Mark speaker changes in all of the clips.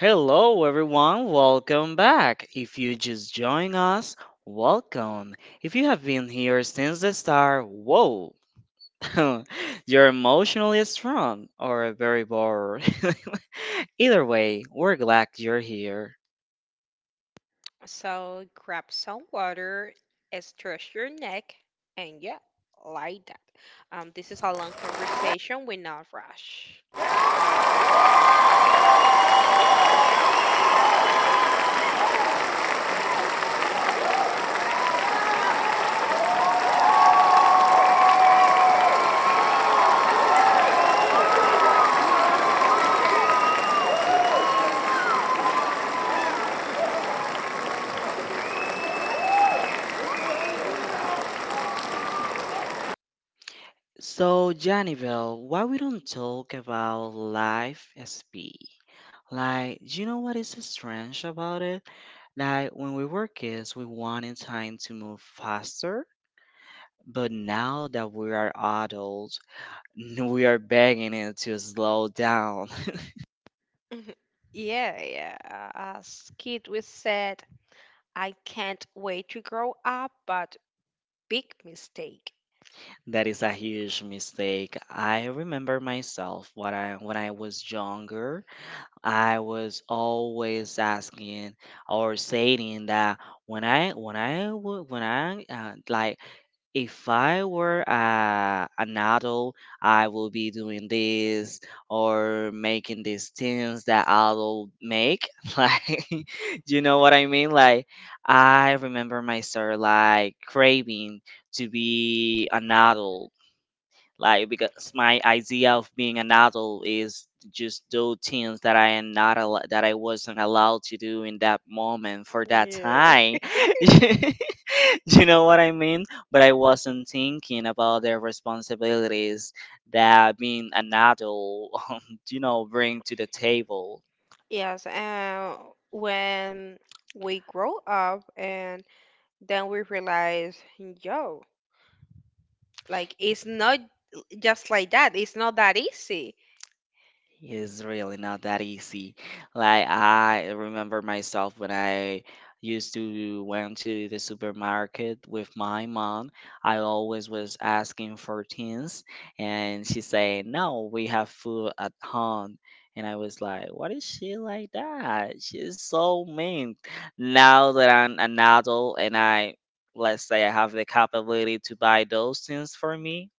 Speaker 1: Hello, everyone. Welcome back. If you just join us, welcome. If you have been here since the start, whoa, you're emotionally strong or very bored. Either way, we're glad you're here.
Speaker 2: So grab some water, stretch your neck, and yeah, like that. This is a long conversation. We not rush.
Speaker 1: So, Janibel, why we don't talk about life SB? Like, do you know what is strange about it? Like, when we were kids, we wanted time to move faster. But now that we are adults, we are begging it to slow down.
Speaker 2: Yeah, yeah. As kid, we said, "I can't wait to grow up," but big mistake.
Speaker 1: That is a huge mistake. I remember myself when I was younger, I was always asking or saying that when I like, if I were an adult, I will be doing this or making these things that adult make. Like, you know what I mean? Like, I remember myself like craving to be an adult, like because my idea of being an adult is just do things that I am not al- that I wasn't allowed to do in that moment for that
Speaker 2: Yeah.
Speaker 1: time. You know what I mean? But I wasn't thinking about the responsibilities that being an adult, bring to the table.
Speaker 2: Yes, and when we grow up and then we realize, yo, like it's not just like that. It's not that easy.
Speaker 1: It's really not that easy. Like I remember myself when I used to went to the supermarket with my mom. I always was asking for things, and she say, "No, we have food at home." And I was like, "What is she like that? She's so mean." Now that I'm an adult and I, let's say, I have the capability to buy those things for me,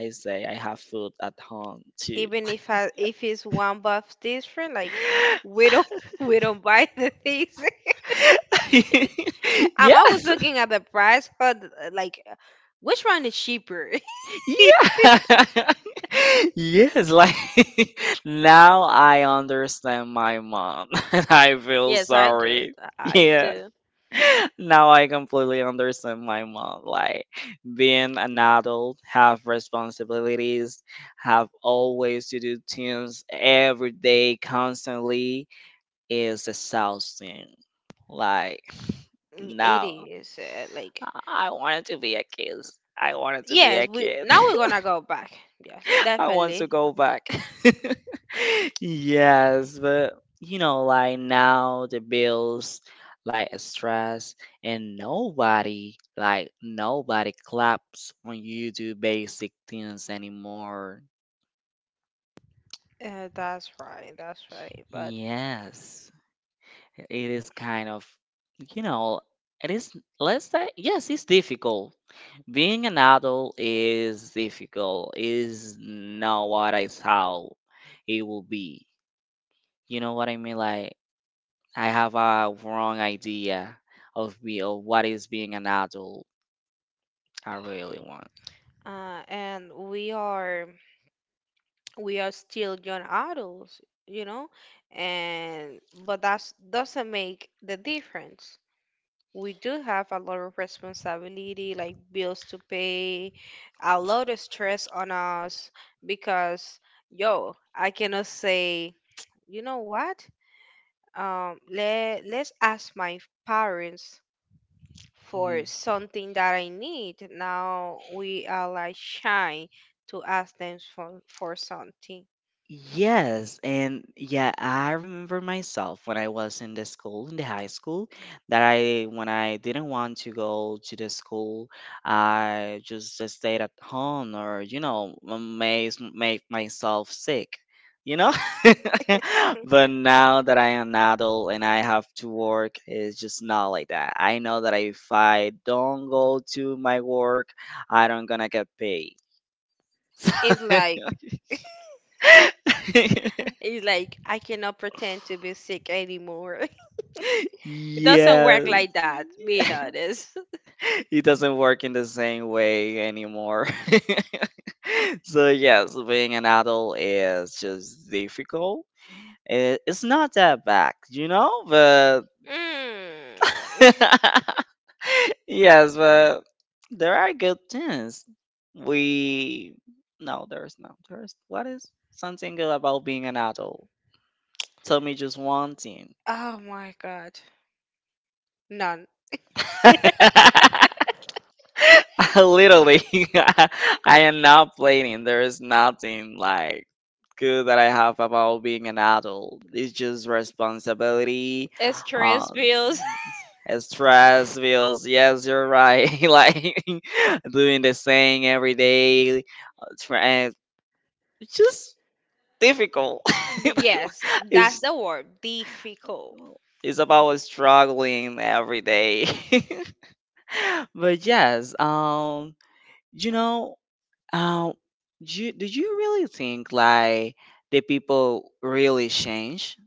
Speaker 1: I say I have food at home too.
Speaker 2: Even if I, if it's one buff different, like we don't we don't buy the things. I'm always
Speaker 1: Yes.
Speaker 2: looking at the price, but which one is cheaper?
Speaker 1: Yeah. Yes, like, now I understand my mom and I feel
Speaker 2: Yes, I do.
Speaker 1: sorry.
Speaker 2: I
Speaker 1: Yeah.
Speaker 2: do.
Speaker 1: Now I completely understand my mom. Like being an adult, have responsibilities, have always to do things every day, constantly is exhausting. Like,
Speaker 2: It
Speaker 1: no,
Speaker 2: is like
Speaker 1: I I wanted to be a kid. I wanted to be
Speaker 2: yes,
Speaker 1: a
Speaker 2: we
Speaker 1: kid.
Speaker 2: now we're gonna go back. Yes,
Speaker 1: I want to
Speaker 2: definitely.
Speaker 1: go back. Yes, but you know, like now the bills, like stress, and nobody, like nobody claps when you do basic things anymore.
Speaker 2: That's right, that's right. But
Speaker 1: Yes, it is kind of, you know, it is, let's say, yes, it's difficult. Being an adult is difficult, is not what I thought it will be. You know what I mean? Like I have a wrong idea of me of what is being an adult. I really want.
Speaker 2: and we are. We are still young adults, you know, and but that doesn't make the difference. We do have a lot of responsibility, like bills to pay, a lot of stress on us because, yo, I cannot say, you know what? Let's ask my parents
Speaker 1: Mhm.
Speaker 2: for something that I need. Now we are like shy to ask them for something.
Speaker 1: Yes, and yeah, I remember myself when I was in the school, in the high school, that I when I didn't want to go to the school, I just stayed at home, or make myself sick, you know. But now that I am an adult and I have to work, it's just not like that. I know that if I don't go to my work, I don't gonna get paid.
Speaker 2: It's like
Speaker 1: So.
Speaker 2: it's like I cannot pretend to be sick anymore. It doesn't work
Speaker 1: Yeah.
Speaker 2: like that, being honest.
Speaker 1: It doesn't work in the same way anymore. So yes, being an adult is just difficult. It's not that bad, but
Speaker 2: Mm.
Speaker 1: yes, but there are good things. We no, there's no there's What is something good about being an adult? Tell me just one thing.
Speaker 2: Oh my god. None.
Speaker 1: Literally, I am not planning. There is nothing like good that I have about being an adult. It's just responsibility,
Speaker 2: Stress
Speaker 1: um,
Speaker 2: bills.
Speaker 1: and stress, bills. Yes, you're right. Like, doing the same every day, and it's just difficult.
Speaker 2: Yes, that's
Speaker 1: it's
Speaker 2: the word. Difficult.
Speaker 1: it's about struggling every day. But yes, you know, uh, do you really think like the people really change?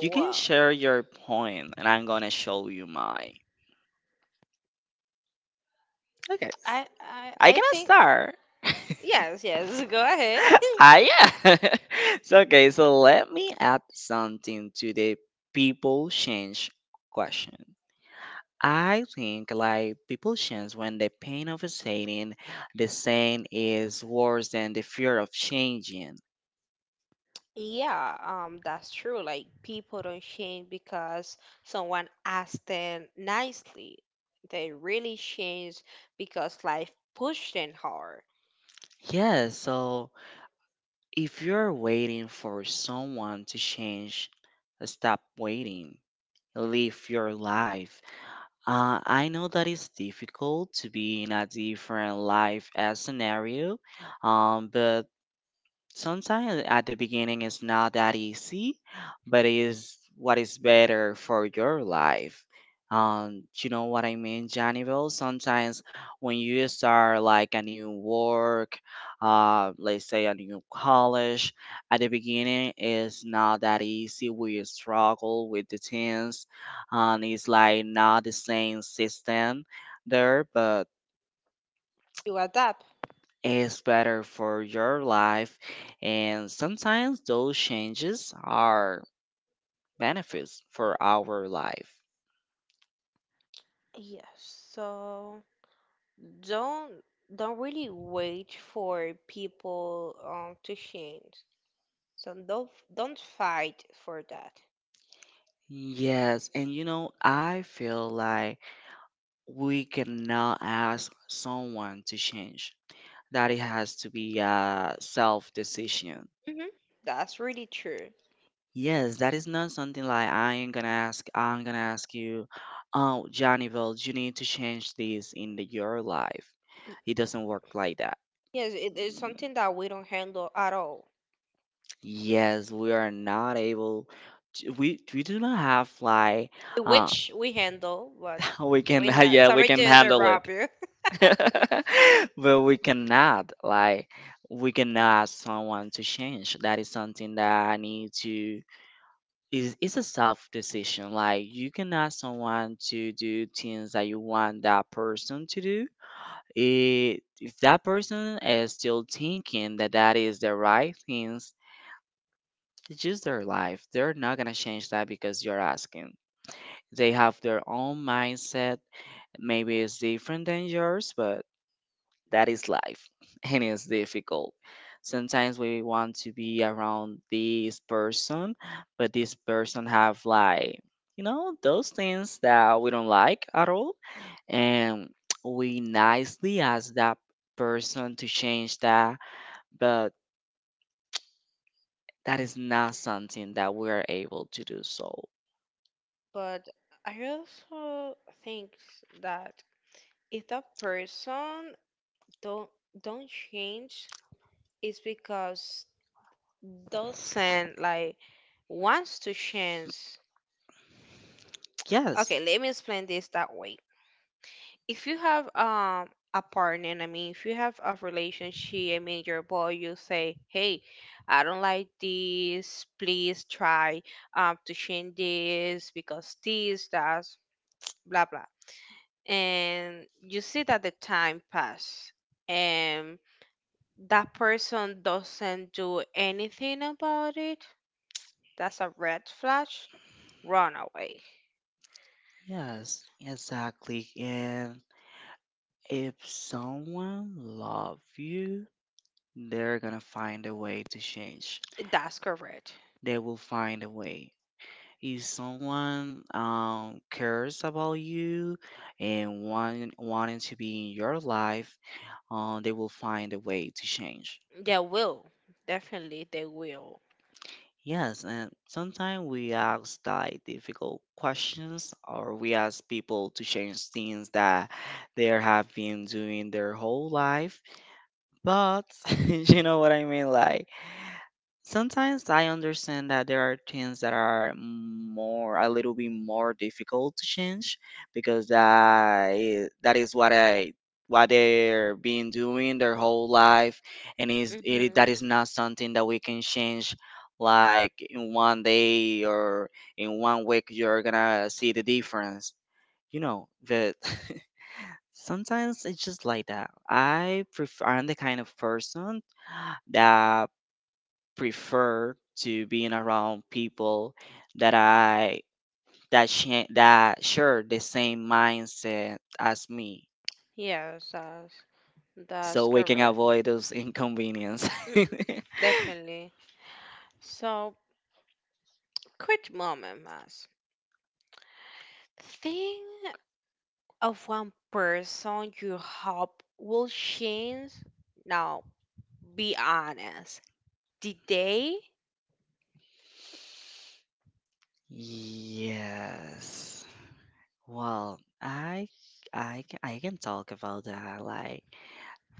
Speaker 1: You can
Speaker 2: wow.
Speaker 1: share your point, and I'm gonna show you mine. Okay,
Speaker 2: I I
Speaker 1: I
Speaker 2: I
Speaker 1: gonna
Speaker 2: think
Speaker 1: start.
Speaker 2: yes, yes. Go ahead.
Speaker 1: Ah, yeah. So, okay, so let me add something to the people change question. I think like people change when the pain of staying the same is worse than the fear of changing.
Speaker 2: Yeah, that's true. Like people don't change because someone asked them nicely. They really change because life pushed them hard.
Speaker 1: Yeah, so if you're waiting for someone to change, stop waiting. Live your life. I know that it's difficult to be in a different life as scenario, but sunshine at the beginning is not that easy, but it is what is better for your life. Do you know what I mean, Janivel? Sometimes when you start like a new work, let's say a new college, at the beginning it's not that easy. We struggle with the things, and it's like not the same system there, but
Speaker 2: You adapt.
Speaker 1: is better for your life, and sometimes those changes are benefits for our life.
Speaker 2: Yes. So don't don't really wait for people to change. So don't fight for that.
Speaker 1: Yes, and I feel like we cannot ask someone to change, that it has to be a self decision.
Speaker 2: Hmm. That's really true.
Speaker 1: Yes, that is not something like I am gonna ask. I'm gonna ask you, oh, Johnny, well, you need to change this in your life.
Speaker 2: Y-
Speaker 1: It doesn't work like that.
Speaker 2: Yes, it is
Speaker 1: Mm,
Speaker 2: something that we don't handle at all.
Speaker 1: Yes, we are not able. To, we do not have like uh,
Speaker 2: Which we handle, but
Speaker 1: we can
Speaker 2: we not.
Speaker 1: yeah, we
Speaker 2: Sorry
Speaker 1: can
Speaker 2: to
Speaker 1: handle it.
Speaker 2: interrupt you.
Speaker 1: But we cannot, like, we cannot ask someone to change. That is something that I need to, is it's a self decision. Like you can ask someone to do things that you want that person to do. If that person is still thinking that that is the right things, it's just their life. They're not gonna change that because you're asking. They have their own mindset. Maybe it's different than yours, but that is life. And it's difficult. Sometimes we want to be around this person, but this person have like, those things that we don't like at all. And we nicely ask that person to change that. But that is not something that we are able to do, so
Speaker 2: But I also think that if that person don't don't change, it's because doesn't like wants to change.
Speaker 1: yes,
Speaker 2: Okay, let me explain this that way. If you have a partner, I mean, if you have a relationship, I mean, your boy, you say, "Hey, I don't like this. Please try to change this because this does blah blah." And you see that the time pass, and that person doesn't do anything about it. That's a red flash. Run away.
Speaker 1: yes, exactly. And if someone love you, they're gonna find a way to change.
Speaker 2: That's correct.
Speaker 1: They will find a way. If someone cares about you and wanting to be in your life, they will find a way to change.
Speaker 2: They will definitely. They will.
Speaker 1: Yes, and sometimes we ask like difficult questions, or we ask people to change things that they have been doing their whole life. But you know what I mean? Like, sometimes I understand that there are things that are more, a little bit more difficult to change, because that is what I what they're been doing their whole life, and that is
Speaker 2: Hmm.
Speaker 1: not something that we can change like in one day or in one week. You're gonna see the difference, you know that. Sometimes it's just like that. I'm the kind of person that prefer to being around people that I that sh- that share the same mindset as me,
Speaker 2: Yes, yes, that's
Speaker 1: so we can
Speaker 2: correct.
Speaker 1: avoid those inconvenience.
Speaker 2: Mm, definitely. So, quick moment, Mas. Think of one person you hope will change. Now, be honest. Did they?
Speaker 1: Yes. Well, I can talk about that. Like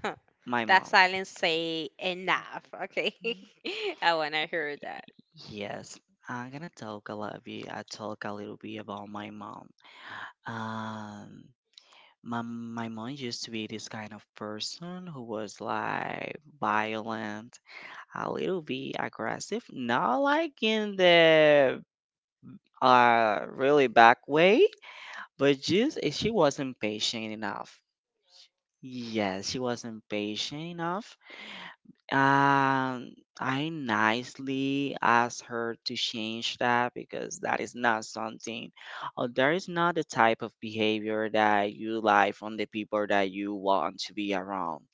Speaker 2: Huh,
Speaker 1: my
Speaker 2: that
Speaker 1: mom.
Speaker 2: silence say enough. Okay, I wanna hear that.
Speaker 1: Yes, I'm gonna talk a lot. I talk a little bit about my mom. Um, my mom used to be this kind of person who was like violent, a little bit aggressive, not like in the really back way, but just she wasn't patient enough. Yes, she wasn't patient enough. Um, I nicely asked her to change that, because that is not something, or there is not the type of behavior that you like from the people that you want to be around.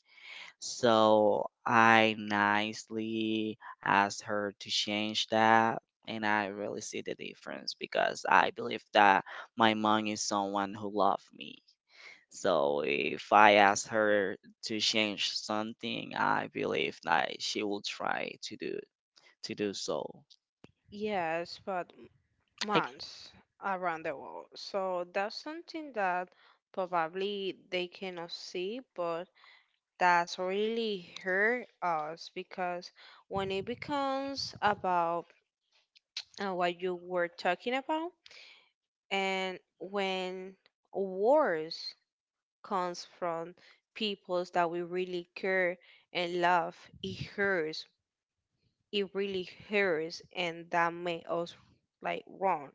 Speaker 1: So I nicely asked her to change that. And I really see the difference because I believe that my mom is someone who loved me. So if I ask her to change something, I believe that she will try to do so.
Speaker 2: Yes, but
Speaker 1: Like,
Speaker 2: months around the world. So that's something that probably they cannot see, but that's really hurt us because when it becomes about what you were talking about, and when wars comes from peoples that we really care and love, it hurts. It really hurts, and that made us like wrong.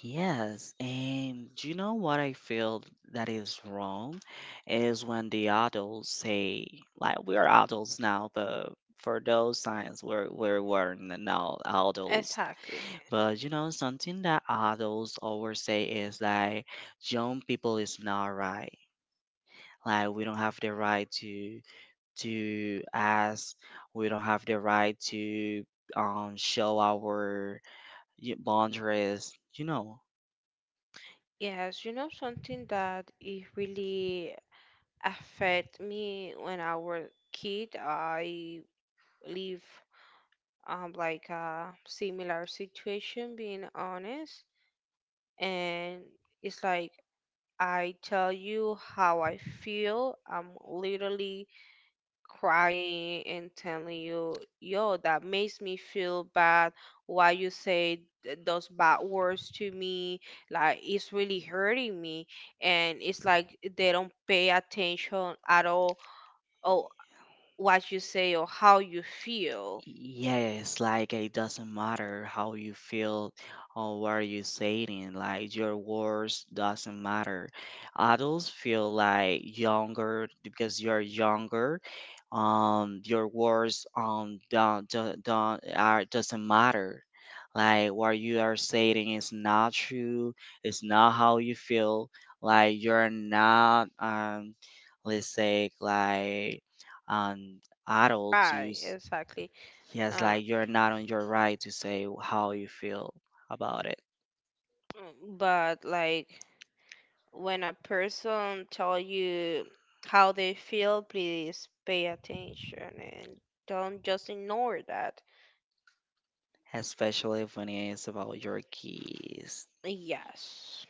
Speaker 1: yes, and you know what I feel that is wrong is when the adults say like we're adults now, but for those times we weren't now adults.
Speaker 2: Exactly.
Speaker 1: But you know something that adults always say is that young people is not right. Like we don't have the right to ask. We don't have the right to show our boundaries. You know,
Speaker 2: Yes, you know something that it really affect me when I was kid. I live like a similar situation, being honest, and it's like I tell you how I feel. I'm literally crying and telling you, yo, that makes me feel bad. Why you say those bad words to me? Like, it's really hurting me. And it's like they don't pay attention at all or what you say or how you feel.
Speaker 1: yes, like it doesn't matter how you feel or what you saying, like your words doesn't matter. Adults feel like younger because you're younger. Your words don't are doesn't matter. Like what you are saying is not true. It's not how you feel. Like you're not let's say like. um Adult to
Speaker 2: Right, exactly.
Speaker 1: yes,
Speaker 2: Uh,
Speaker 1: like you're not on your right to say how you feel about it,
Speaker 2: but like when a person tell you how they feel, please pay attention and don't just ignore that.
Speaker 1: especially when it's about your kids.
Speaker 2: Yes.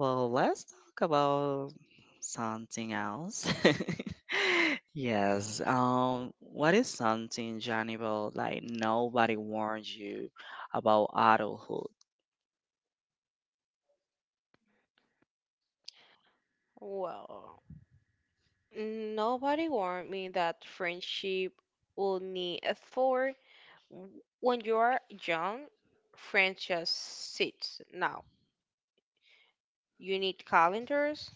Speaker 1: Well, let's talk about something else. Yes, what is something, Jannibal, like nobody warned you about adulthood?
Speaker 2: Well, nobody warned me that friendship will need effort. When you are young, friends just sit. Now, you need calendars.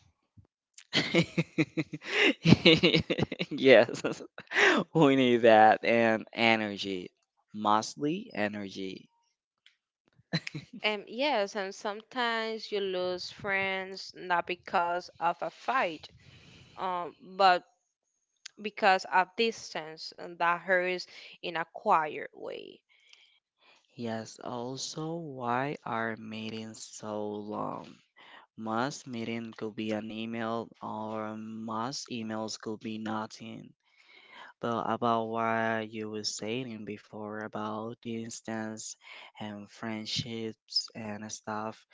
Speaker 1: Yes, we need that and energy, mostly energy.
Speaker 2: And yes, and sometimes you lose friends not because of a fight, but because of distance, and that hurts in a quiet way.
Speaker 1: Yes, also, why are meetings so long? Most meeting could be an email, or most emails could be nothing. But about what you were saying before about distance and friendships and stuff,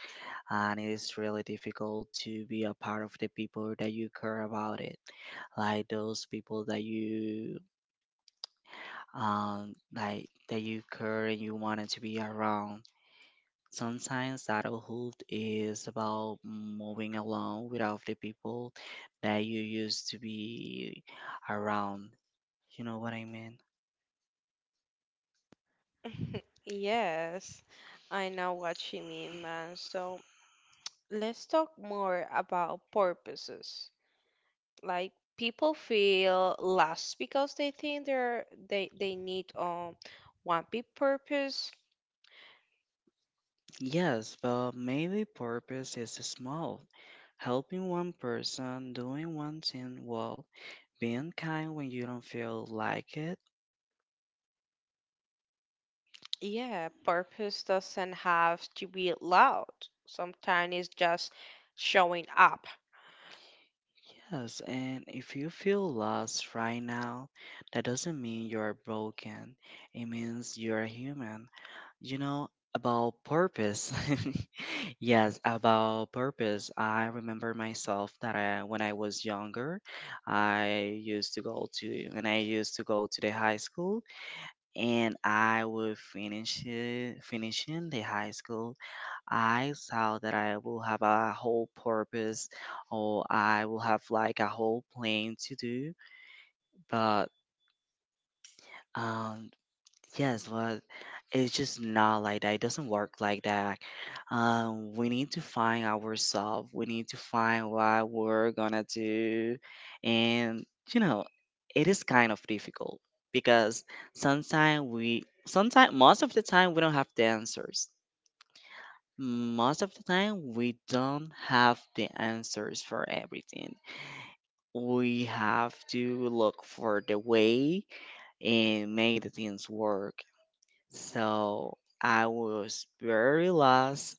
Speaker 1: and it is really difficult to be a part of the people that you care about it, like those people that you like that you care and you wanted to be around. Sometimes adulthood is about moving along without the people that you used to be around, you know what I mean?
Speaker 2: Yes, I know what you mean, man. So, let's talk more about purposes. Like people feel lost because they think they need one big purpose.
Speaker 1: Yes, but maybe purpose is small. Helping one person, doing one thing well. Being kind when you don't feel like it?
Speaker 2: Yeah, purpose doesn't have to be loud. Sometimes it's just showing up.
Speaker 1: Yes, and if you feel lost right now, that doesn't mean you're broken. It means you're human. You know, about purpose. Yes, about purpose. I remember myself that I, when I was younger, I used to go to when I used to go to the high school, and I would finish it, finishing the high school, I saw that I will have a whole purpose, or I will have like a whole plan to do. But um yes, but it's just not like that. It doesn't work like that. We need to find ourselves. We need to find what we're gonna do. And you know, it is kind of difficult because sometimes most of the time we don't have the answers. Most of the time, we don't have the answers for everything. We have to look for the way and make the things work. So I was very lost,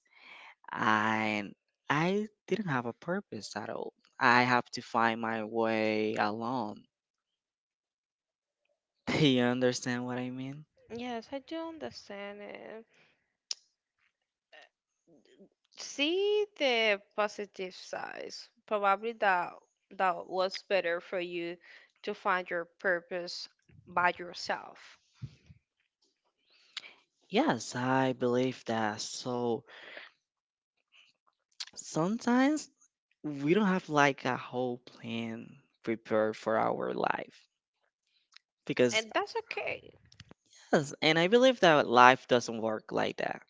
Speaker 1: and I didn't have a purpose at all. I have to find my way alone. Do you understand what I mean?
Speaker 2: Yes, I do understand it. See the positive sides. Probably that that was better for you to find your purpose by yourself.
Speaker 1: Yes, I believe that. So sometimes we don't have like a whole plan prepared for our life, because...
Speaker 2: And that's okay.
Speaker 1: Yes, and I believe that life doesn't work like that.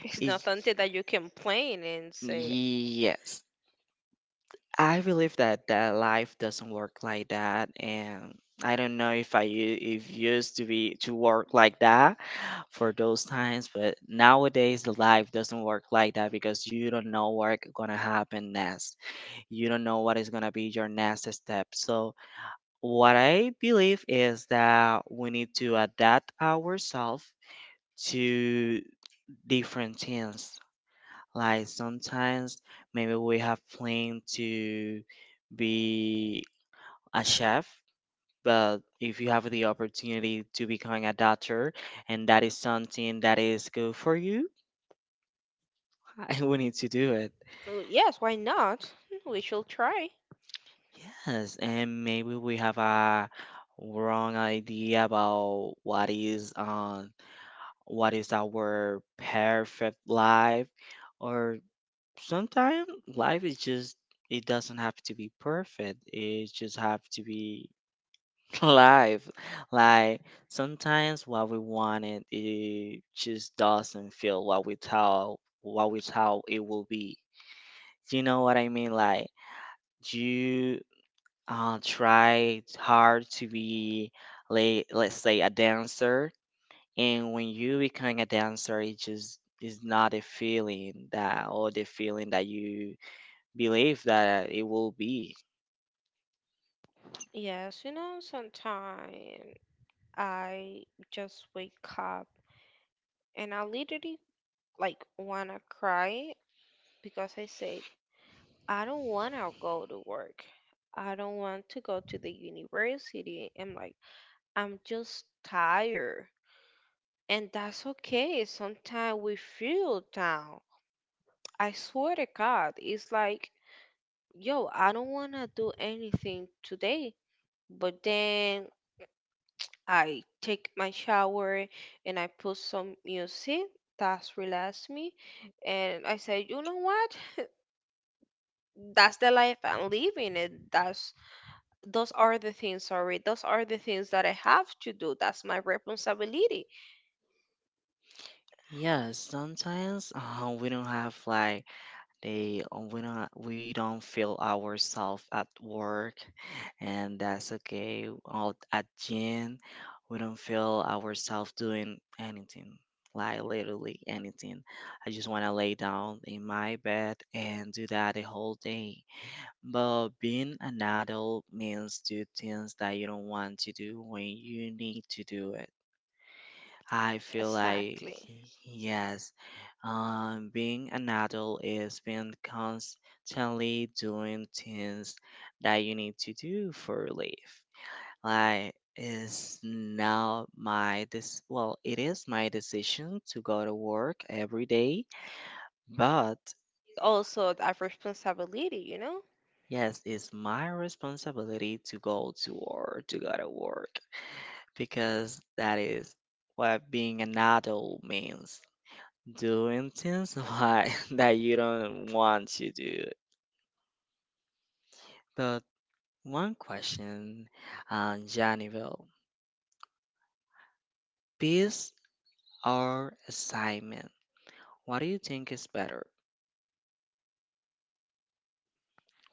Speaker 2: It's not
Speaker 1: It's
Speaker 2: until that you complain and say,
Speaker 1: Yes, I believe that that life doesn't work like that, and I don't know if I u- if used to be to work like that for those times, but nowadays the life doesn't work like that because you don't know what's gonna happen next. You don't know what is gonna be your next step. So what I believe is that we need to adapt ourselves to different things. Like sometimes maybe we have planned to be a chef, but if you have the opportunity to become a doctor and that is something that is good for you, we need to do it.
Speaker 2: "Oh, yes, why not? We shall try.
Speaker 1: Yes, and maybe we have a wrong idea about what is our perfect life, or sometimes life is just, it doesn't have to be perfect, it just have to be life. Like sometimes what we wanted, it just doesn't feel what we thought it will be, you know what I mean? Like, you try hard to be, like, let's say, a dancer, and when you become a dancer, it just is not a feeling that, or the feeling that you believe that it will be.
Speaker 2: Yes, you know, sometimes I just wake up and I literally like wanna cry because I said, I don't wanna go to work. I don't want to go to the university. I'm like, I'm just tired. And that's okay. Sometimes we feel down. I swear to God, it's like yo, I don't want to do anything today. But then I take my shower and I put some music that's relax me. And I say, you know what? That's the life I'm living. And that's those are the things that I have to do. That's my responsibility.
Speaker 1: Yeah, sometimes we don't have, like, they, we don't feel ourselves at work, and that's okay. Out at gym, we don't feel ourselves doing anything, like literally anything. I just want to lay down in my bed and do that the whole day. But being an adult means do things that you don't want to do when you need to do it. I feel like...
Speaker 2: Exactly.
Speaker 1: Yes, being an adult is being constantly doing things that you need to do for life. Like is now my this, well, it is my decision to go to work every day, but...
Speaker 2: Also, a responsibility, you know?
Speaker 1: Yes, it's my responsibility to go to work, to go to work. Because that is what being an adult means, doing things, why, that you don't want to do. But one question, Janivel, peace or assignment? What do you think is better?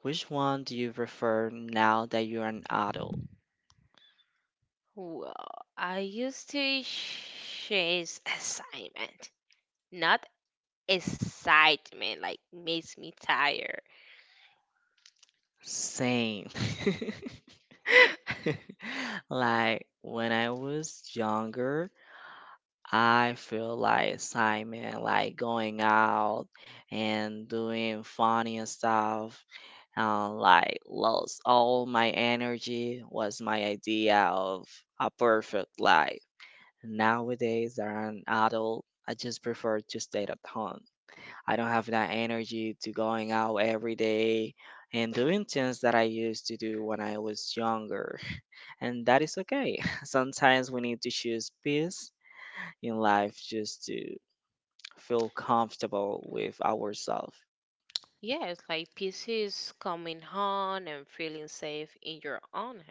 Speaker 1: Which one do you prefer now that you're an adult?
Speaker 2: Well, I used to chase assignment, not excitement like makes me tired.
Speaker 1: Same. Like when I was younger, I feel like excitement, like going out and doing funny and stuff, and like lost all my energy was my idea of a perfect life. Nowadays, that I'm an adult, I just prefer to stay at home. I don't have that energy to going out every day and doing things that I used to do when I was younger. And that is okay. Sometimes we need to choose peace in life just to feel comfortable with ourselves.
Speaker 2: Yeah, it's like peace is coming home and feeling safe in your own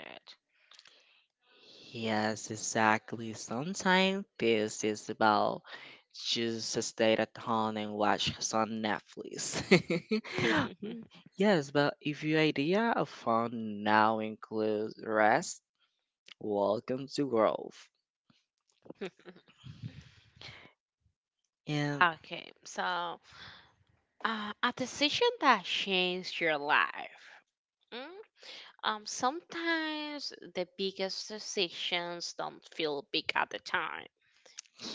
Speaker 1: Yes, exactly. Sometimes this is about just stay at home and watch some Netflix.
Speaker 2: head.
Speaker 1: Yes, but if your idea of fun now includes rest, welcome to growth. And
Speaker 2: Okay, so a decision that changed your life. Mm? Sometimes the biggest decisions don't feel big at the time.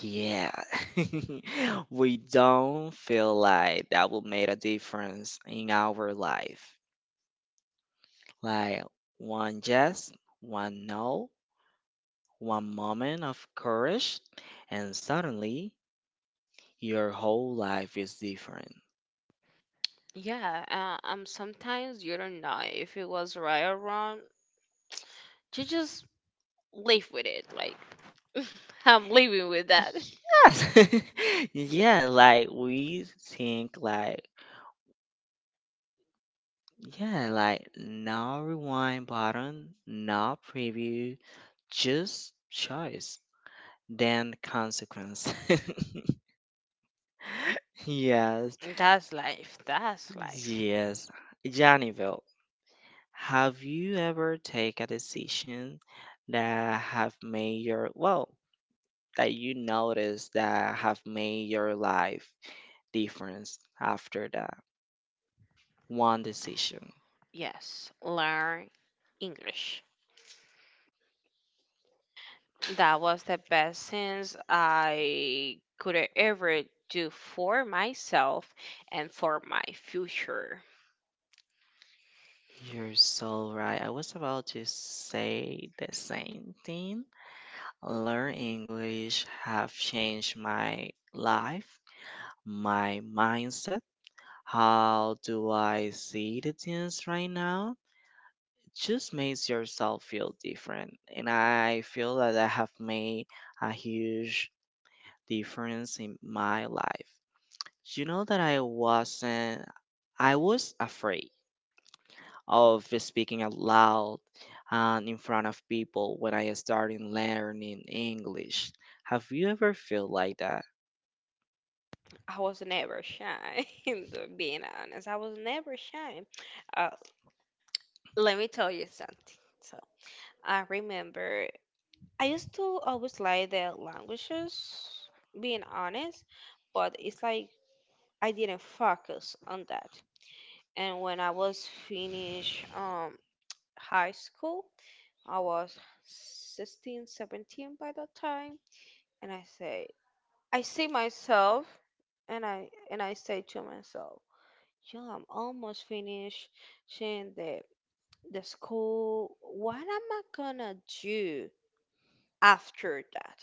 Speaker 1: yeah, we don't feel like that will make a difference in our life. Like, one yes, one no, one moment of courage, and suddenly your whole life is different.
Speaker 2: Yeah, sometimes you don't know if it was right or wrong. You just live with it. Like, I'm living with that.
Speaker 1: Yes. Yeah, like we think like, yeah, like no rewind button, no preview, just choice, then consequence. Yes.
Speaker 2: That's life. That's life.
Speaker 1: Yes. Johnnyville. Have you ever take a decision that have made your, well, that you notice that have made your life difference after that one decision?
Speaker 2: Yes, learn English. That was the best things I could ever do for myself and for my future.
Speaker 1: You're so right. I was about to say the same thing. Learn English have changed my life, my mindset. How do I see the things right now? Just makes yourself feel different. And I feel that I have made a huge difference in my life. You know that I wasn't, I was afraid of speaking out loud and in front of people when I started learning English. Have you ever felt like that?
Speaker 2: I was never shy, to being honest. I was never shy. Uh, let me tell you something. So I remember I used to always like the languages, being honest, but it's like I didn't focus on that. And when I was finished high school, I was 16, 17 by that time, and I say I see myself and I say to myself, Yo, I'm almost finished the the school. What am I gonna do after that?"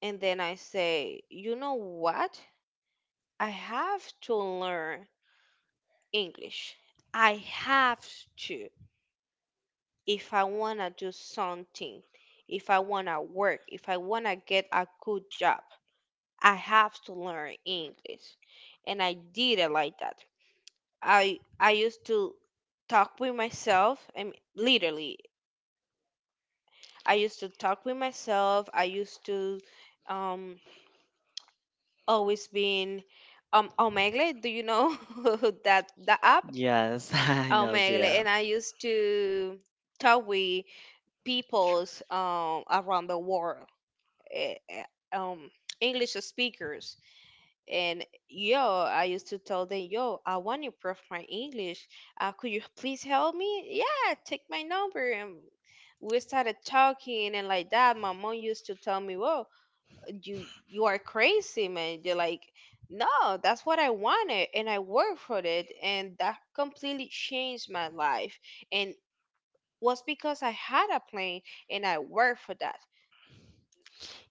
Speaker 2: And then I say, "You know what? I have to learn English. I have to. If I want to do something, if I want to work, if I want to get a good job, I have to learn English. And I did it like that. I used to talk with myself. I mean, literally, I used to talk with myself. I used to um always being Omegle. Do you know that the app
Speaker 1: Yes, I know,
Speaker 2: Omegle?
Speaker 1: yeah.
Speaker 2: And I used to talk with peoples around the world eh, eh, um English speakers. And yo, I used to tell them, yo, I want to improve my English. Could you please help me? Yeah, take my number. And we started talking and like that. My mom used to tell me, whoa, you are crazy, man. They're like, no, that's what I wanted, and I worked for it, and that completely changed my life. And was because I had a plan and I worked for that.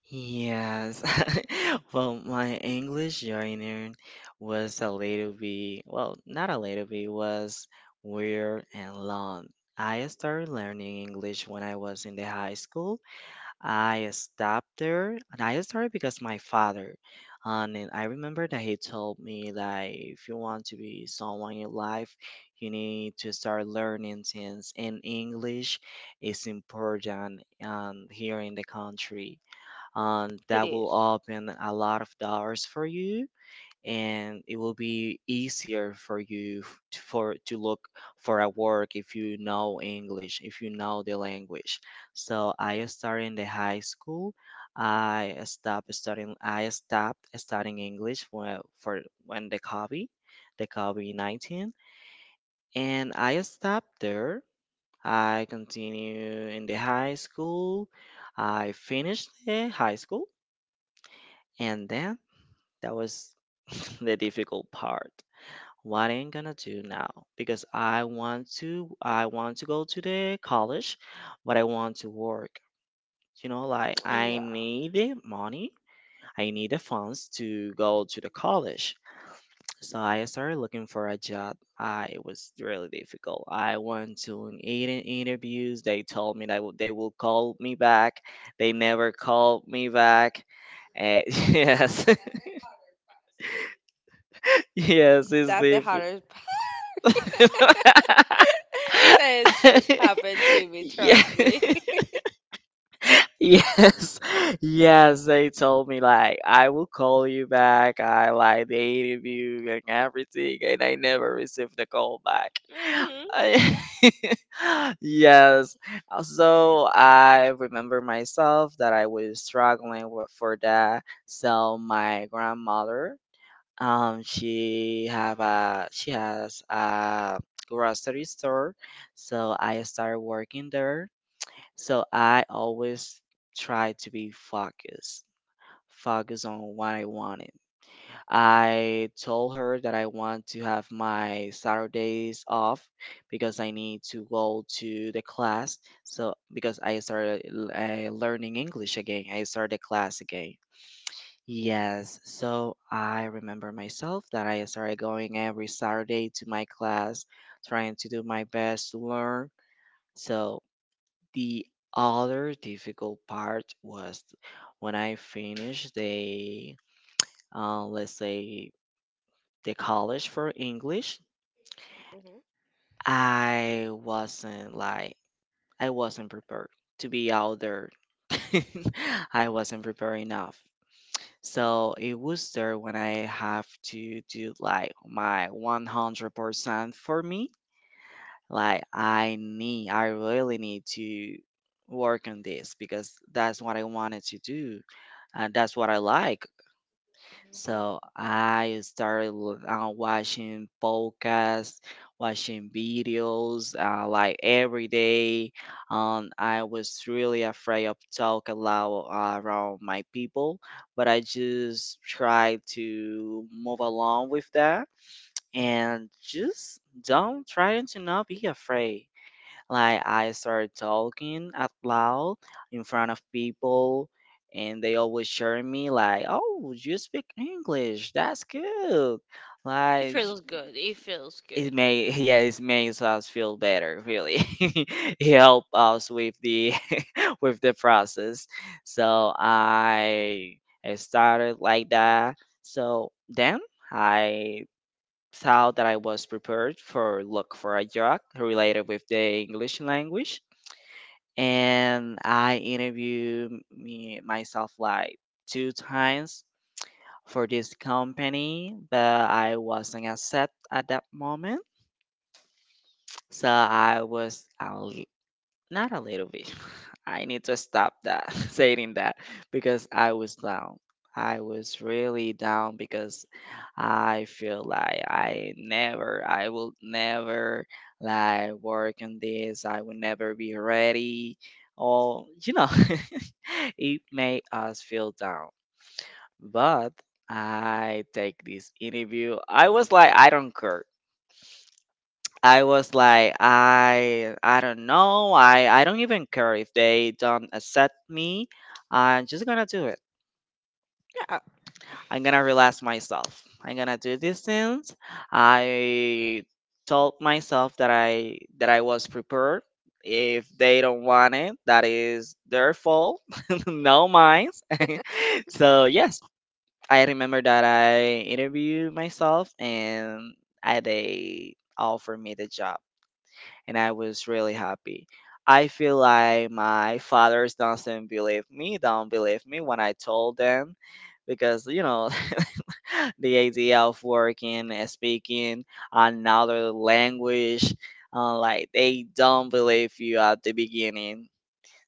Speaker 1: Yes. Well, my English joiner was a little bit, well, not a little bit, was weird and long. I started learning English when I was in the high school. I stopped there and I started because my father. And then I remember that he told me that if you want to be someone in life, you need to start learning things, and English is important, here in the country, and
Speaker 2: It
Speaker 1: that will
Speaker 2: is.
Speaker 1: open a lot of doors for you, and it will be easier for you to, for to look for a work if you know English, if you know the language. So I started in the high school. I stopped studying. I stopped studying English when the COVID-19, and I stopped there. I continue in the high school. I finished the high school, and then that was the difficult part. What I'm gonna do now? Because I want to go to the college, but I want to work. You know, like I
Speaker 2: Yeah,
Speaker 1: need the money. I need the funds to go to the college. So I started looking for a job. I it was really difficult. I went to an eight interviews. They told me that they will call me back. They never called me back. Eh, yes. Yes, it's
Speaker 2: that's the
Speaker 1: difficult.
Speaker 2: hardest so it's just happened to me,
Speaker 1: Yeah.
Speaker 2: trust me.
Speaker 1: Yes. Yes, they told me like I will call you back. I like the interview and everything, and I never received the call back.
Speaker 2: Mm-hmm.
Speaker 1: Yes. So I remember myself that I was struggling with for that. So my grandmother, she has a grocery store, so I started working there. So I always try to be focused on what I wanted. I told her that I want to have my Saturdays off because I need to go to the class. So because I started learning English again, I started the class again. Yes, so I remember myself that I started going every Saturday to my class, trying to do my best to learn. So the other difficult part was when I finished the, let's say, the college for English,
Speaker 2: Mhm,
Speaker 1: I wasn't like, I wasn't prepared to be out there. I wasn't prepared enough. So it was there when I have to do like my 100% for me. Like I need, I really need to work on this because that's what I wanted to do and that's what I like.
Speaker 2: mhm.
Speaker 1: So I started watching podcasts, watching videos, like every day. I was really afraid of talk aloud, around my people, but I just tried to move along with that and just don't try to not be afraid. Like I started talking out loud in front of people and they always share me like, "Oh, you speak English. That's good."
Speaker 2: It
Speaker 1: Like sh-
Speaker 2: feels good. It feels
Speaker 1: it
Speaker 2: good.
Speaker 1: may yeah, it makes us feel better, really. It help us with the with the process. So I started like that. So then I thought that I was prepared for look for a job related with the English language, and I interviewed me myself like two times for this company, but I wasn't accept at that moment. So I was out not a little bit. I need to stop that saying that because I was down. I was really down because I feel like I never, I will never like work on this. I will never be ready. Or, you know, it made us feel down. But I take this interview. I was like, I don't care. I was like, I don't know. I don't even care if they don't accept me. I'm just gonna do it.
Speaker 2: Yeah,
Speaker 1: I'm gonna relax myself. I'm gonna do these things. I told myself that I was prepared. If they don't want it, that is their fault, no mine. So yes, I remember that I interviewed myself and I, they offered me the job. And I was really happy. I feel like my fathers doesn't believe me, don't believe me when I told them because the idea of working and speaking another language like they don't believe you at the beginning.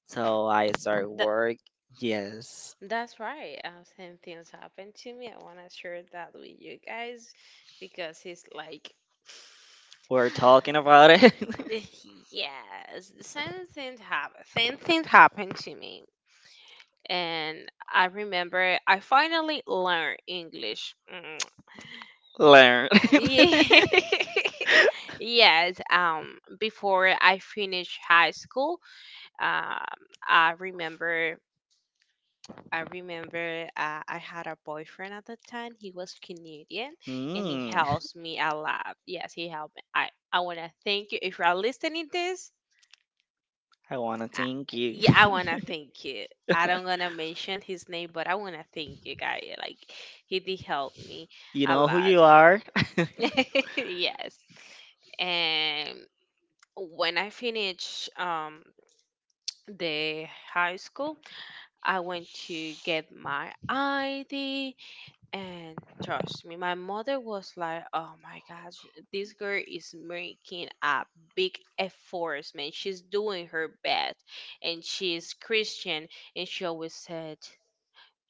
Speaker 1: So I started
Speaker 2: that,
Speaker 1: work. Yes,
Speaker 2: that's right. Same things happened to me. I want to share that with you guys because it's like,
Speaker 1: we're talking about it.
Speaker 2: yes, the same thing happened. Same thing happened to me, and I remember I finally learned English. Mm,
Speaker 1: Learn.
Speaker 2: yeah. Yes, before I finished high school, um, I remember, I remember, I had a boyfriend at the time. He was Canadian, and he
Speaker 1: Mm.
Speaker 2: helps me a lot. Yes, he helped me. I wanna thank you if you're listening this.
Speaker 1: I want to
Speaker 2: I,
Speaker 1: thank you.
Speaker 2: yeah, I wanna thank you. I don't gonna mention his name, but I wanna thank you, guy. Like, he did help me
Speaker 1: You
Speaker 2: a
Speaker 1: know who you
Speaker 2: lot.
Speaker 1: are?
Speaker 2: Yes, and when I finished, the high school, I went to get my ID, and trust me, my mother was like, "Oh my gosh, this girl is making a big effort, man. She's doing her best, and she's Christian." And she always said.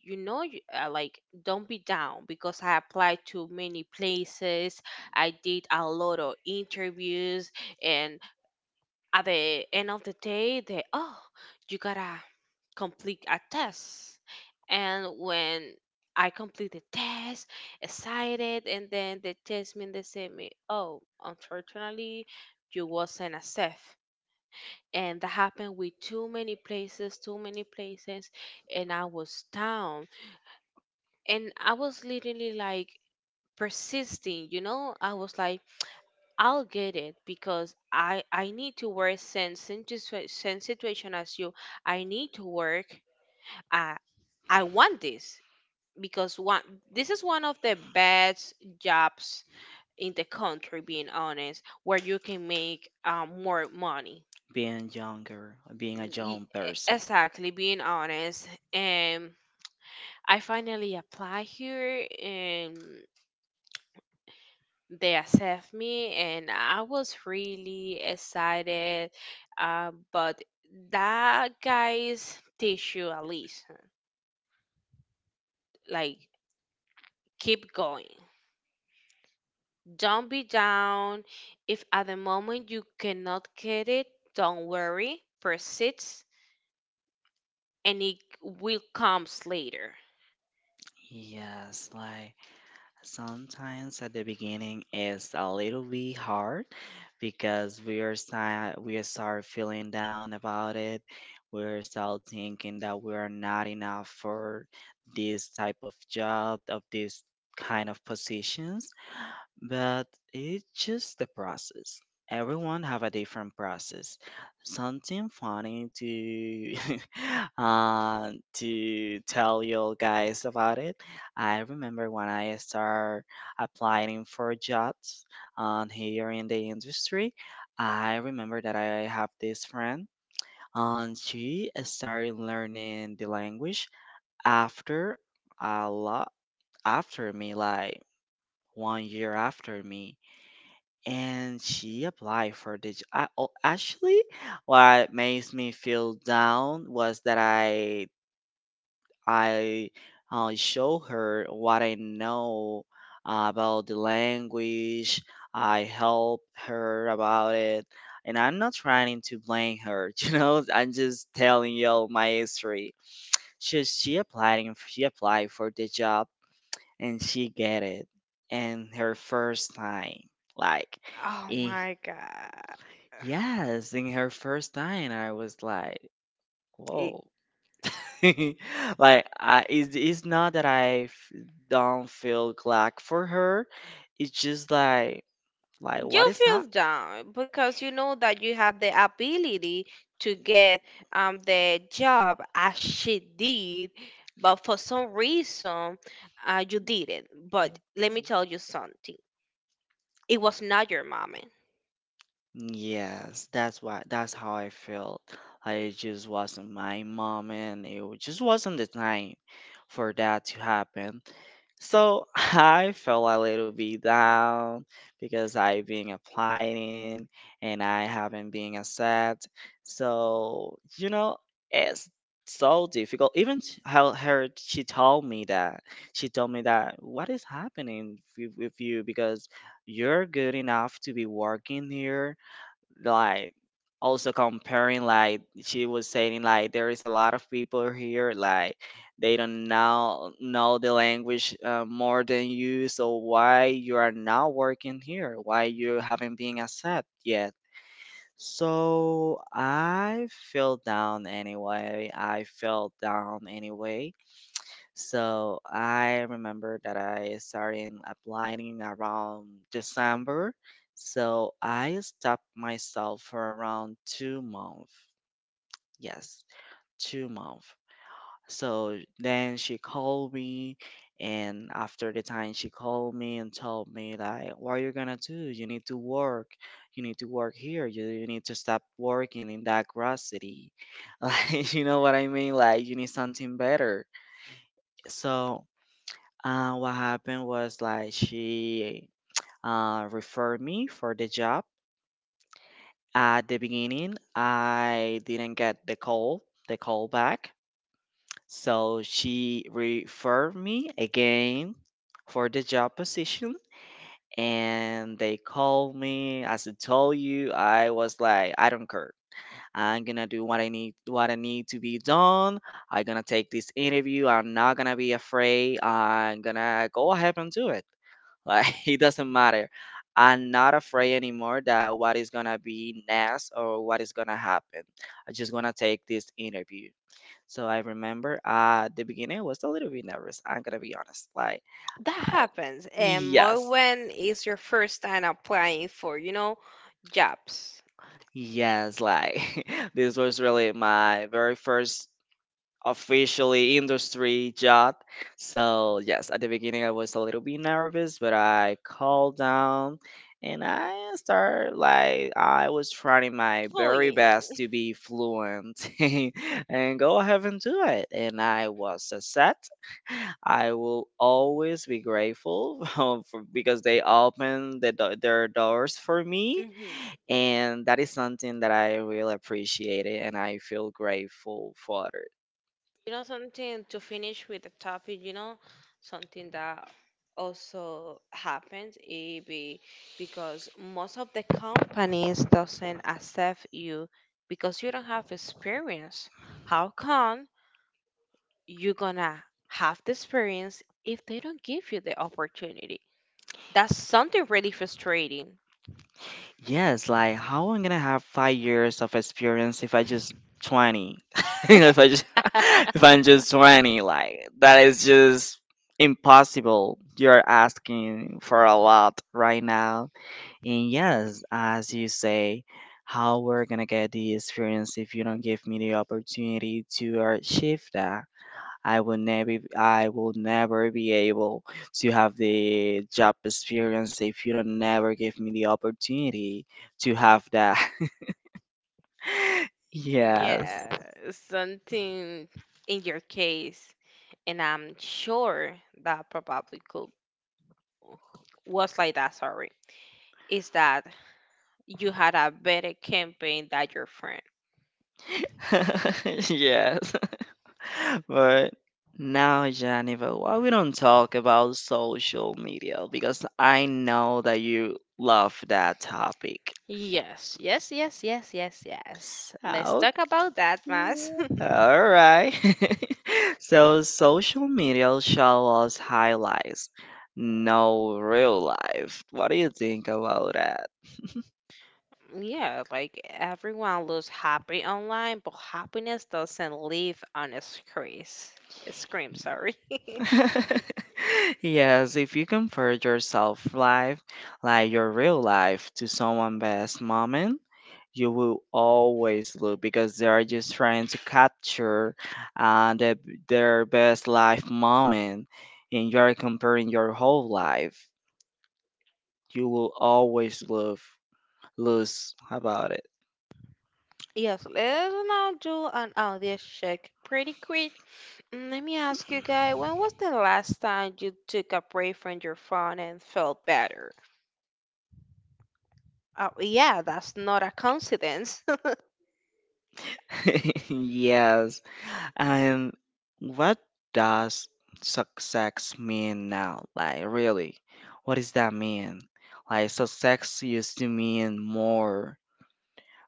Speaker 2: You know, like, don't be down because I applied to many places. I did a lot of interviews, and at the end of the day they oh you gotta complete a test, and when I complete the test excited, and then the test mean they say me oh unfortunately you wasn't a safe. And that happened with too many places, and I was down, and I was literally like persisting, you know, I was like I'll get it because I need to work same situation as you. I need to work. I I want this because one this is one of the best jobs in the country. Being honest, where you can make more money.
Speaker 1: Being younger, being a
Speaker 2: Y-
Speaker 1: young
Speaker 2: e-
Speaker 1: person.
Speaker 2: Exactly, being honest, and I finally apply here, and they accept me and I was really excited, but that guys teach you a lesson, like keep going, don't be down. If at the moment you cannot get it, don't worry, persist and it will comes later.
Speaker 1: Yes, like sometimes at the beginning it's a little bit hard because we start feeling down about it. We're start thinking that we are not enough for this type of job, of this kind of positions, but it's just the process. Everyone have a different process. Something funny to to tell you guys about it. I remember when I start applying for jobs, here in the industry. I remember that I have this friend and she started learning the language after a lot after me, like 1 year after me, and she applied for I, oh, actually what makes me feel down was that I show her what I know about the language. I help her about it, and I'm not trying to blame her. You know, I'm just telling y'all my history. She applied and she applied for the job, and she get it. And her first time, like,
Speaker 2: Oh
Speaker 1: eh.
Speaker 2: my god.
Speaker 1: Yes, in her first time, I was like,
Speaker 2: it,
Speaker 1: whoa. Like, I, it's not that I don't feel glad for her. It's just like, what
Speaker 2: you
Speaker 1: is that?
Speaker 2: feel down because you know that you have the ability to get, the job as she did, but for some reason you didn't. But let me tell you something: it was not your moment.
Speaker 1: Yes, that's why that's how I felt. Like it just wasn't my moment. It just wasn't the time for that to happen. So I felt a little bit down because I've been applying and I haven't been accepted. So you know, it's so difficult. Even sh- how her she told me that she told me that what is happening with you because you're good enough to be working here, like, also comparing, like she was saying, like there is a lot of people here like they don't now know the language more than you, so why you are not working here, why you haven't been accepted yet? So I fell down anyway, I fell down anyway. So I remember that I started applying around December. So I stopped myself for around 2 months. Yes, 2 months. So then she called me, and after the time she called me and told me like, "What are you gonna do? You need to work. You need to work here. You need to stop working in that gross city. Like, you know what I mean? Like, you need something better." So what happened was like she referred me for the job. At the beginning, I didn't get the call back. So she referred me again for the job position. And they called me. As I told you, I was like, I don't care. I'm gonna do what I need to be done. I'm gonna take this interview. I'm not gonna be afraid. I'm gonna go ahead and do it. Like it doesn't matter. I'm not afraid anymore that what is gonna be next or what is gonna happen. I just going to take this interview. So I remember at the beginning I was a little bit nervous. I'm gonna be honest. Like,
Speaker 2: That
Speaker 1: I,
Speaker 2: happens and more
Speaker 1: yes,
Speaker 2: when it's your first time applying for, you know, jobs.
Speaker 1: yes, like this was really my very first officially industry job. So yes, at the beginning I was a little bit nervous, but I calmed down and I started like I was trying my
Speaker 2: Oh
Speaker 1: very
Speaker 2: yeah.
Speaker 1: best to be fluent and go ahead and do it. And I was set. I will always be grateful for, because they opened their doors for me,
Speaker 2: Mm-hmm.
Speaker 1: and that is something that I really appreciate it and I feel grateful for.
Speaker 2: You know, something to finish with the topic, you know, something that also happens it be, because most of the companies doesn't accept you because you don't have experience. How come you gonna have the experience if they don't give you the opportunity? That's something really frustrating.
Speaker 1: Yes, like how I'm gonna have 5 years of experience if I just 20? If I just if I'm just 20, like that is just impossible. You're asking for a lot right now. And yes, as you say, how we're gonna get the experience if you don't give me the opportunity to achieve that? I will never be able to have the job experience if you don't never give me the opportunity to have that. Yes.
Speaker 2: Yeah, something in your case, and I'm sure that probably could was like that. Sorry, is that you had a better campaign than your friend?
Speaker 1: Yes. But now, Jennifer, why we don't talk about social media? Because I know that you love that topic.
Speaker 2: Yes, yes, yes, yes, yes, yes. Let's
Speaker 1: Oh,
Speaker 2: talk about that, Mas.
Speaker 1: all right. So social media show us highlights, no real life. What do you think about that?
Speaker 2: Yeah, like everyone looks happy online, but happiness doesn't live on a screen. Scream, sorry.
Speaker 1: Yes, if you compare yourself life, like your real life, to someone best moment, you will always look because they are just trying to capture uh, the, their best life moment, and you're comparing your whole life. You will always love lose about
Speaker 2: Yes, let's now do an audience check pretty quick. Mm, let me ask you guys, when was the last time you took a break from your phone and felt better? Yeah, that's not a coincidence.
Speaker 1: it. Yes. And what does success mean now, like, really, what does that mean? Like success used to mean more,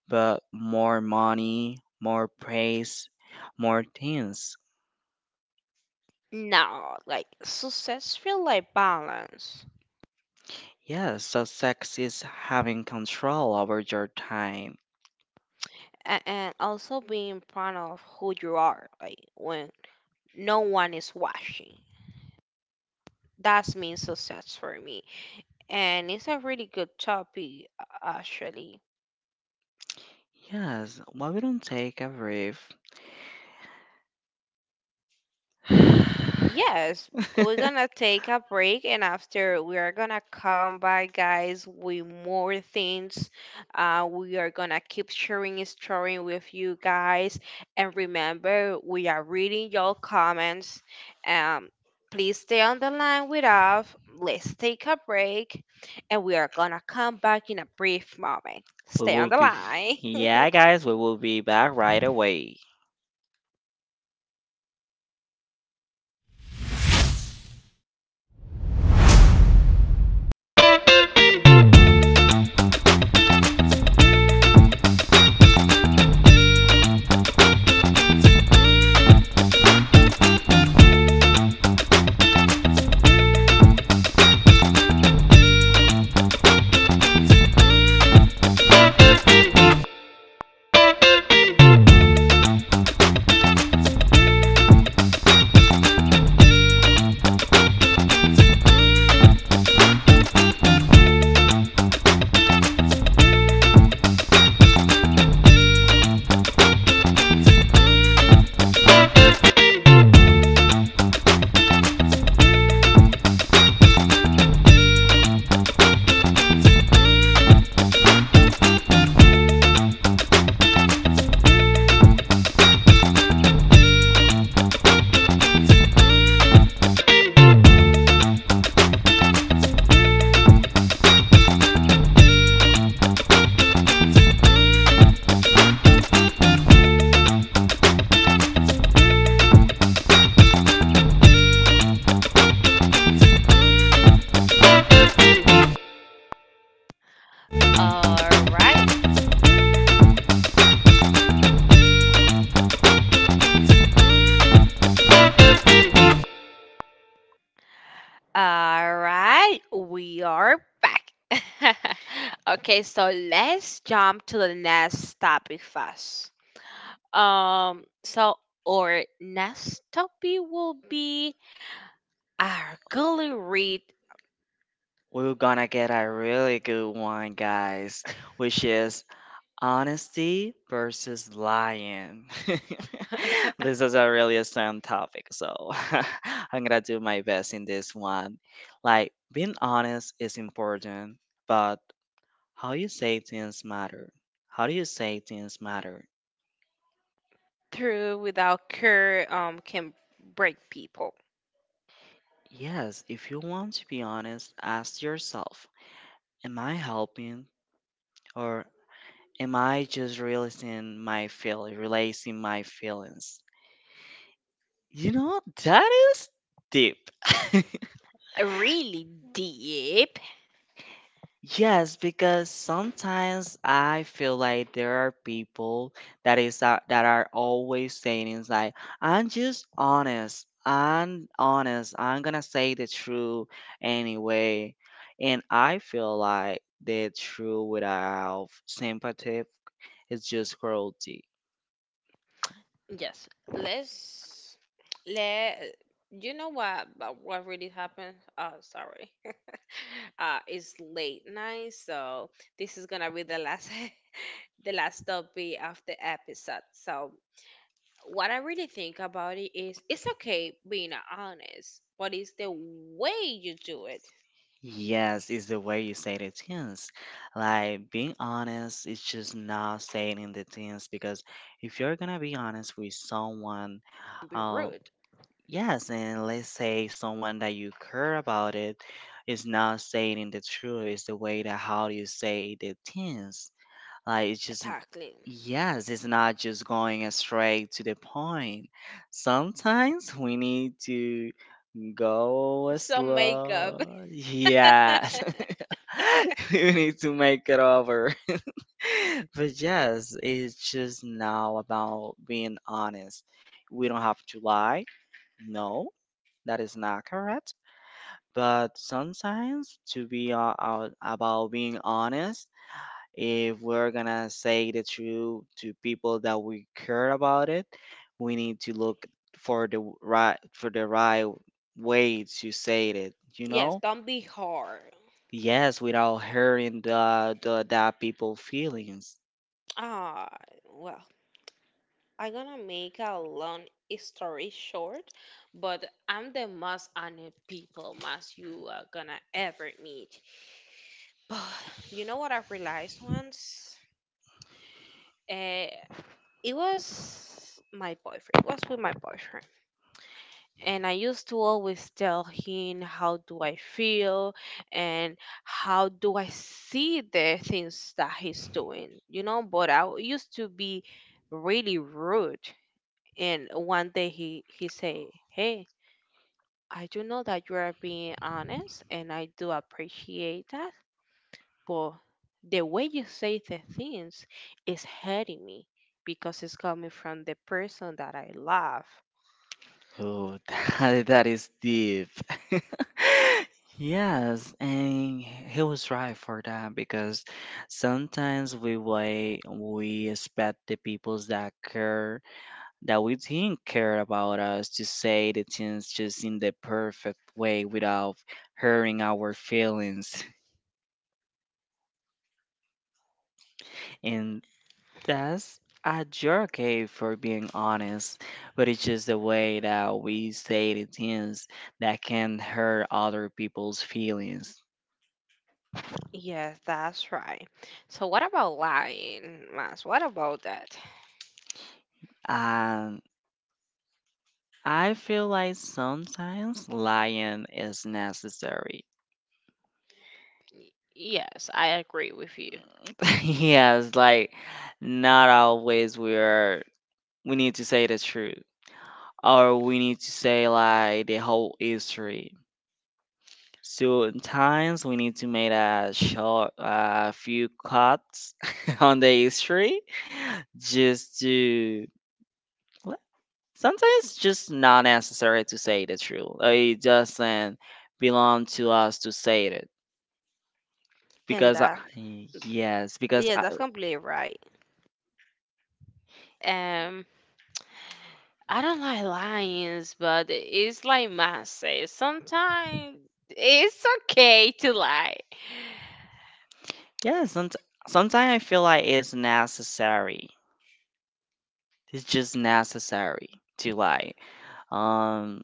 Speaker 1: but more money, more praise, more things.
Speaker 2: No, like success feel like balance.
Speaker 1: Yes, so sex is having control over your time.
Speaker 2: And also being proud of who you are, like when no one is watching. That's means success for me. And it's a really good topic, actually.
Speaker 1: Yes, why we don't take a brief? we
Speaker 2: Yes, we're gonna take a break and after we are gonna come back, guys, with more things. We are gonna keep sharing a story with you guys. And remember, we are reading your comments. Um, Please stay on the line with us. Let's take a break and we are gonna come back in a brief moment. Stay on
Speaker 1: will
Speaker 2: the
Speaker 1: be,
Speaker 2: line.
Speaker 1: yeah, guys, we will be back right away.
Speaker 2: All right. All right, we are back. Okay, so let's jump to the next topic first. So our next topic will be our gully read,
Speaker 1: We're gonna get a really good one, guys, which is honesty versus lying. This is a really strong topic, so I'm gonna do my best in this one. Like, being honest is important, but how you say things matter. How do you say things matter?
Speaker 2: through without care can break people.
Speaker 1: Yes, if you want to be honest, ask yourself, am I helping or am I just releasing my feelings? You know, that is deep.
Speaker 2: Really deep.
Speaker 1: Yes, because sometimes I feel like there are people that are always saying is like I'm just honest. I'm honest. I'm gonna say the truth anyway. And I feel like the truth without sympathy is just cruelty.
Speaker 2: Yes. Let you know what but what really happened? Oh, sorry. It's late night, so this is gonna be the last the last topic of the episode. So what I really think about it is it's okay being honest, but it's the way you do it.
Speaker 1: Yes, is the way you say the things. Like being honest is just not saying the things because if you're gonna be honest with someone,
Speaker 2: Don't be
Speaker 1: uh,
Speaker 2: rude.
Speaker 1: yes, and let's say someone that you care about it is not saying the truth, it's the way that how you say the things. Like it's just
Speaker 2: Exactly.
Speaker 1: yes, it's not just going straight to the point. Sometimes we need to go
Speaker 2: Some makeup.
Speaker 1: slow. Yes. We need to make it over. But yes, it's just now about being honest. We don't have to lie. No, that is not correct. But sometimes, to be out about being honest, if we're gonna say the truth to people that we care about it, we need to look for the right way to say it. You
Speaker 2: Yes,
Speaker 1: know?
Speaker 2: don't be hard.
Speaker 1: Yes, without hurting the that people feelings.
Speaker 2: Ah, well, I'm gonna make a long story short, but I'm the most honest people most you are gonna ever meet. But you know what I realized once? Uh, it was my boyfriend. It was with my boyfriend. And I used to always tell him how do I feel and how do I see the things that he's doing, you know, but I used to be really rude. And one day he say, "Hey, I do know that you are being honest, and I do appreciate that, but the way you say the things is hurting me because it's coming from the person that I love."
Speaker 1: Oh, that is deep. Yes, and he was right for that because sometimes we expect the peoples that care, that we think care about us to say the things just in the perfect way without hurting our feelings. And that's a jerk, eh, for being honest, but it's just the way that we say the things that can hurt other people's feelings.
Speaker 2: Yes, that's right. So what about lying, Mas? What about that?
Speaker 1: I feel like sometimes lying is necessary.
Speaker 2: Y- Yes, I agree with you.
Speaker 1: Yes, like not always we are we need to say the truth or we need to say like the whole history. Sometimes we need to make a few cuts on the history just to, well, sometimes it's just not necessary to say the truth. Like, it doesn't belong to us to say it
Speaker 2: And
Speaker 1: because I,
Speaker 2: that,
Speaker 1: yes, because
Speaker 2: yeah,
Speaker 1: I,
Speaker 2: that's completely right. I don't like lions, but it's like Matt says, sometimes it's okay to lie.
Speaker 1: yeah, sometimes I feel like it's necessary. It's just necessary to, like, um,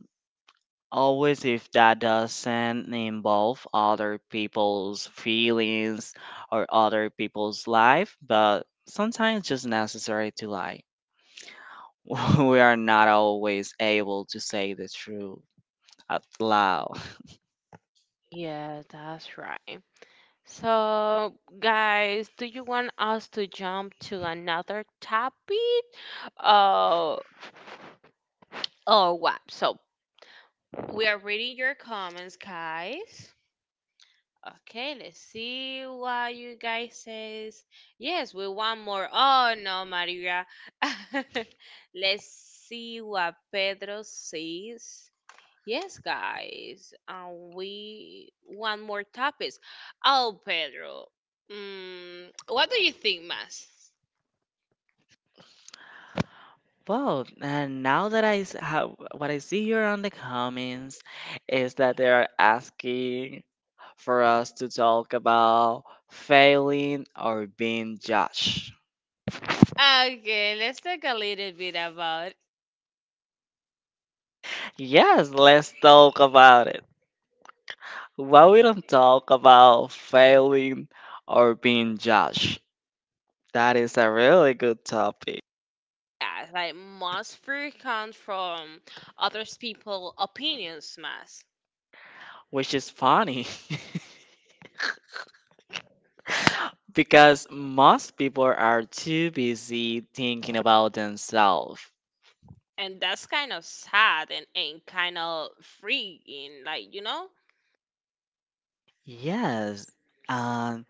Speaker 1: always if that doesn't involve other people's feelings or other people's life, but sometimes it's just necessary to like. We are not always able to say the truth out loud.
Speaker 2: Yeah, that's right. So, guys, do you want us to jump to another topic? Uh, oh, what? So, we are reading your comments, guys. Okay, let's see what you guys says. Yes, we want more. Oh no, Maria. Let's see what Pedro says. Yes, guys, we want more topics. Oh, Pedro, mm, what do you think, Mas?
Speaker 1: Well, and now that I have what I see here on the comments is that they are asking for us to talk about failing or being judged.
Speaker 2: Okay, let's talk a little bit about
Speaker 1: Yes, let's talk about it. Why we don't talk about failing or being judged? That is a really good topic,
Speaker 2: yeah, like must fear comes from others people opinions, Mas.
Speaker 1: which is funny because most people are too busy thinking about themselves.
Speaker 2: And that's kind of sad and, kind of freeing, like, you know.
Speaker 1: Yes. Um,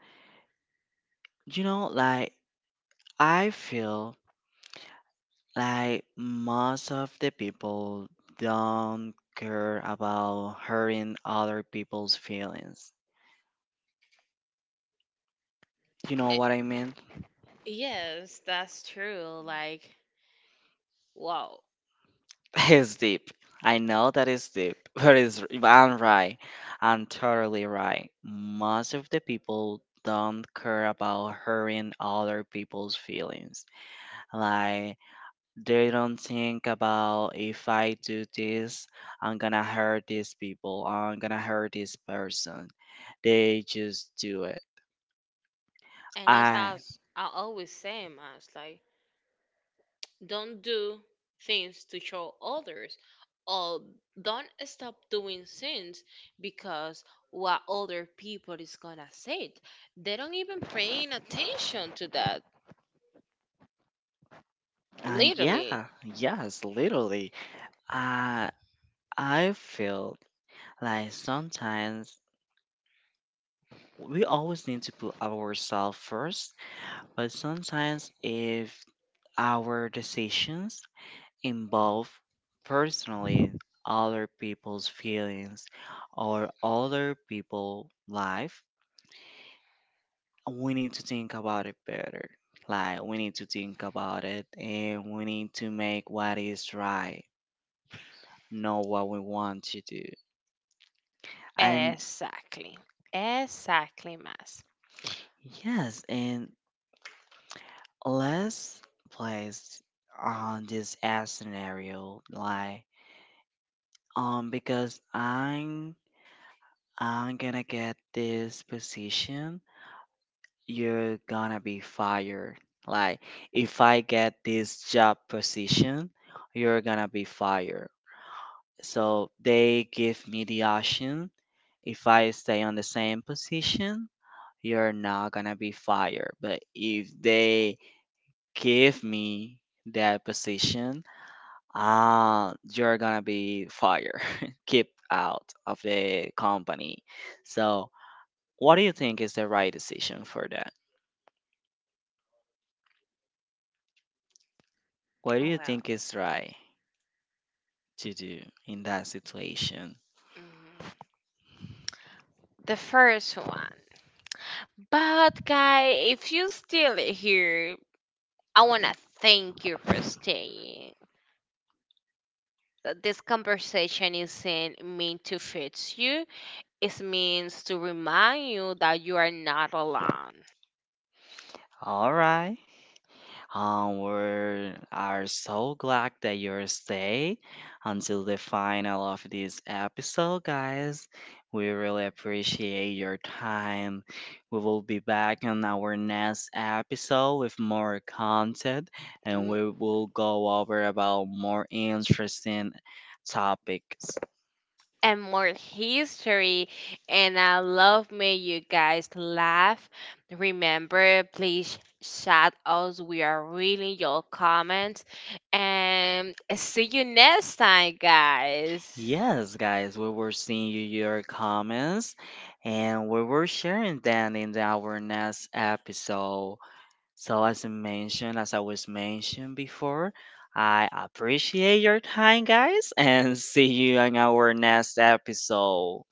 Speaker 1: you know, like I feel like most of the people don't care about hurting other people's feelings. You know
Speaker 2: Eh,
Speaker 1: what I mean?
Speaker 2: yes, that's true, like, wow.
Speaker 1: It's deep. I know that it's deep, but it's I'm right. I'm totally right. Most of the people don't care about hurting other people's feelings. Like they don't think about if I do this, I'm gonna hurt these people, I'm gonna hurt this person. They just do it.
Speaker 2: And it's
Speaker 1: I,
Speaker 2: as I always say, Mas, like, don't do things to show others, or don't stop doing things because what other people is gonna say. They don't even paying attention to that, literally.
Speaker 1: yeah, yes, literally. I, I feel like sometimes we always need to put ourselves first, but sometimes if our decisions involve personally other people's feelings or other people' life, we need to think about it better. Like we need to think about it and we need to make what is right, know what we want to do. And
Speaker 2: Exactly, exactly, Mas.
Speaker 1: yes, and let's place on this as scenario like because I'm gonna get this position, you're gonna be fired. Like, if I get this job position, you're gonna be fired. So they give me the option. If I stay on the same position, you're not gonna be fired. But if they give me that position, you're gonna be fired, kicked out of the company. So, what do you think is the right decision for that? What do you think
Speaker 2: Well,
Speaker 1: is right to do in that situation?
Speaker 2: mm, the first one. But guy, if you still here, I wanna thank you for staying. This conversation isn't meant to fix you. It means to remind you that you are not alone.
Speaker 1: All right. We are so glad that you're stay until the final of this episode, guys. We really appreciate your time. We will be back on our next episode with more content, and
Speaker 2: M-
Speaker 1: we will go over about more interesting topics.
Speaker 2: and more history. And I love me you guys laugh. Remember, please shout us. We are reading your comments. And see you next time, guys.
Speaker 1: Yes, guys, we were seeing you your comments and we were sharing them in our next episode. So as I mentioned, as I was mentioned before, I appreciate your time guys and see you on our next episode.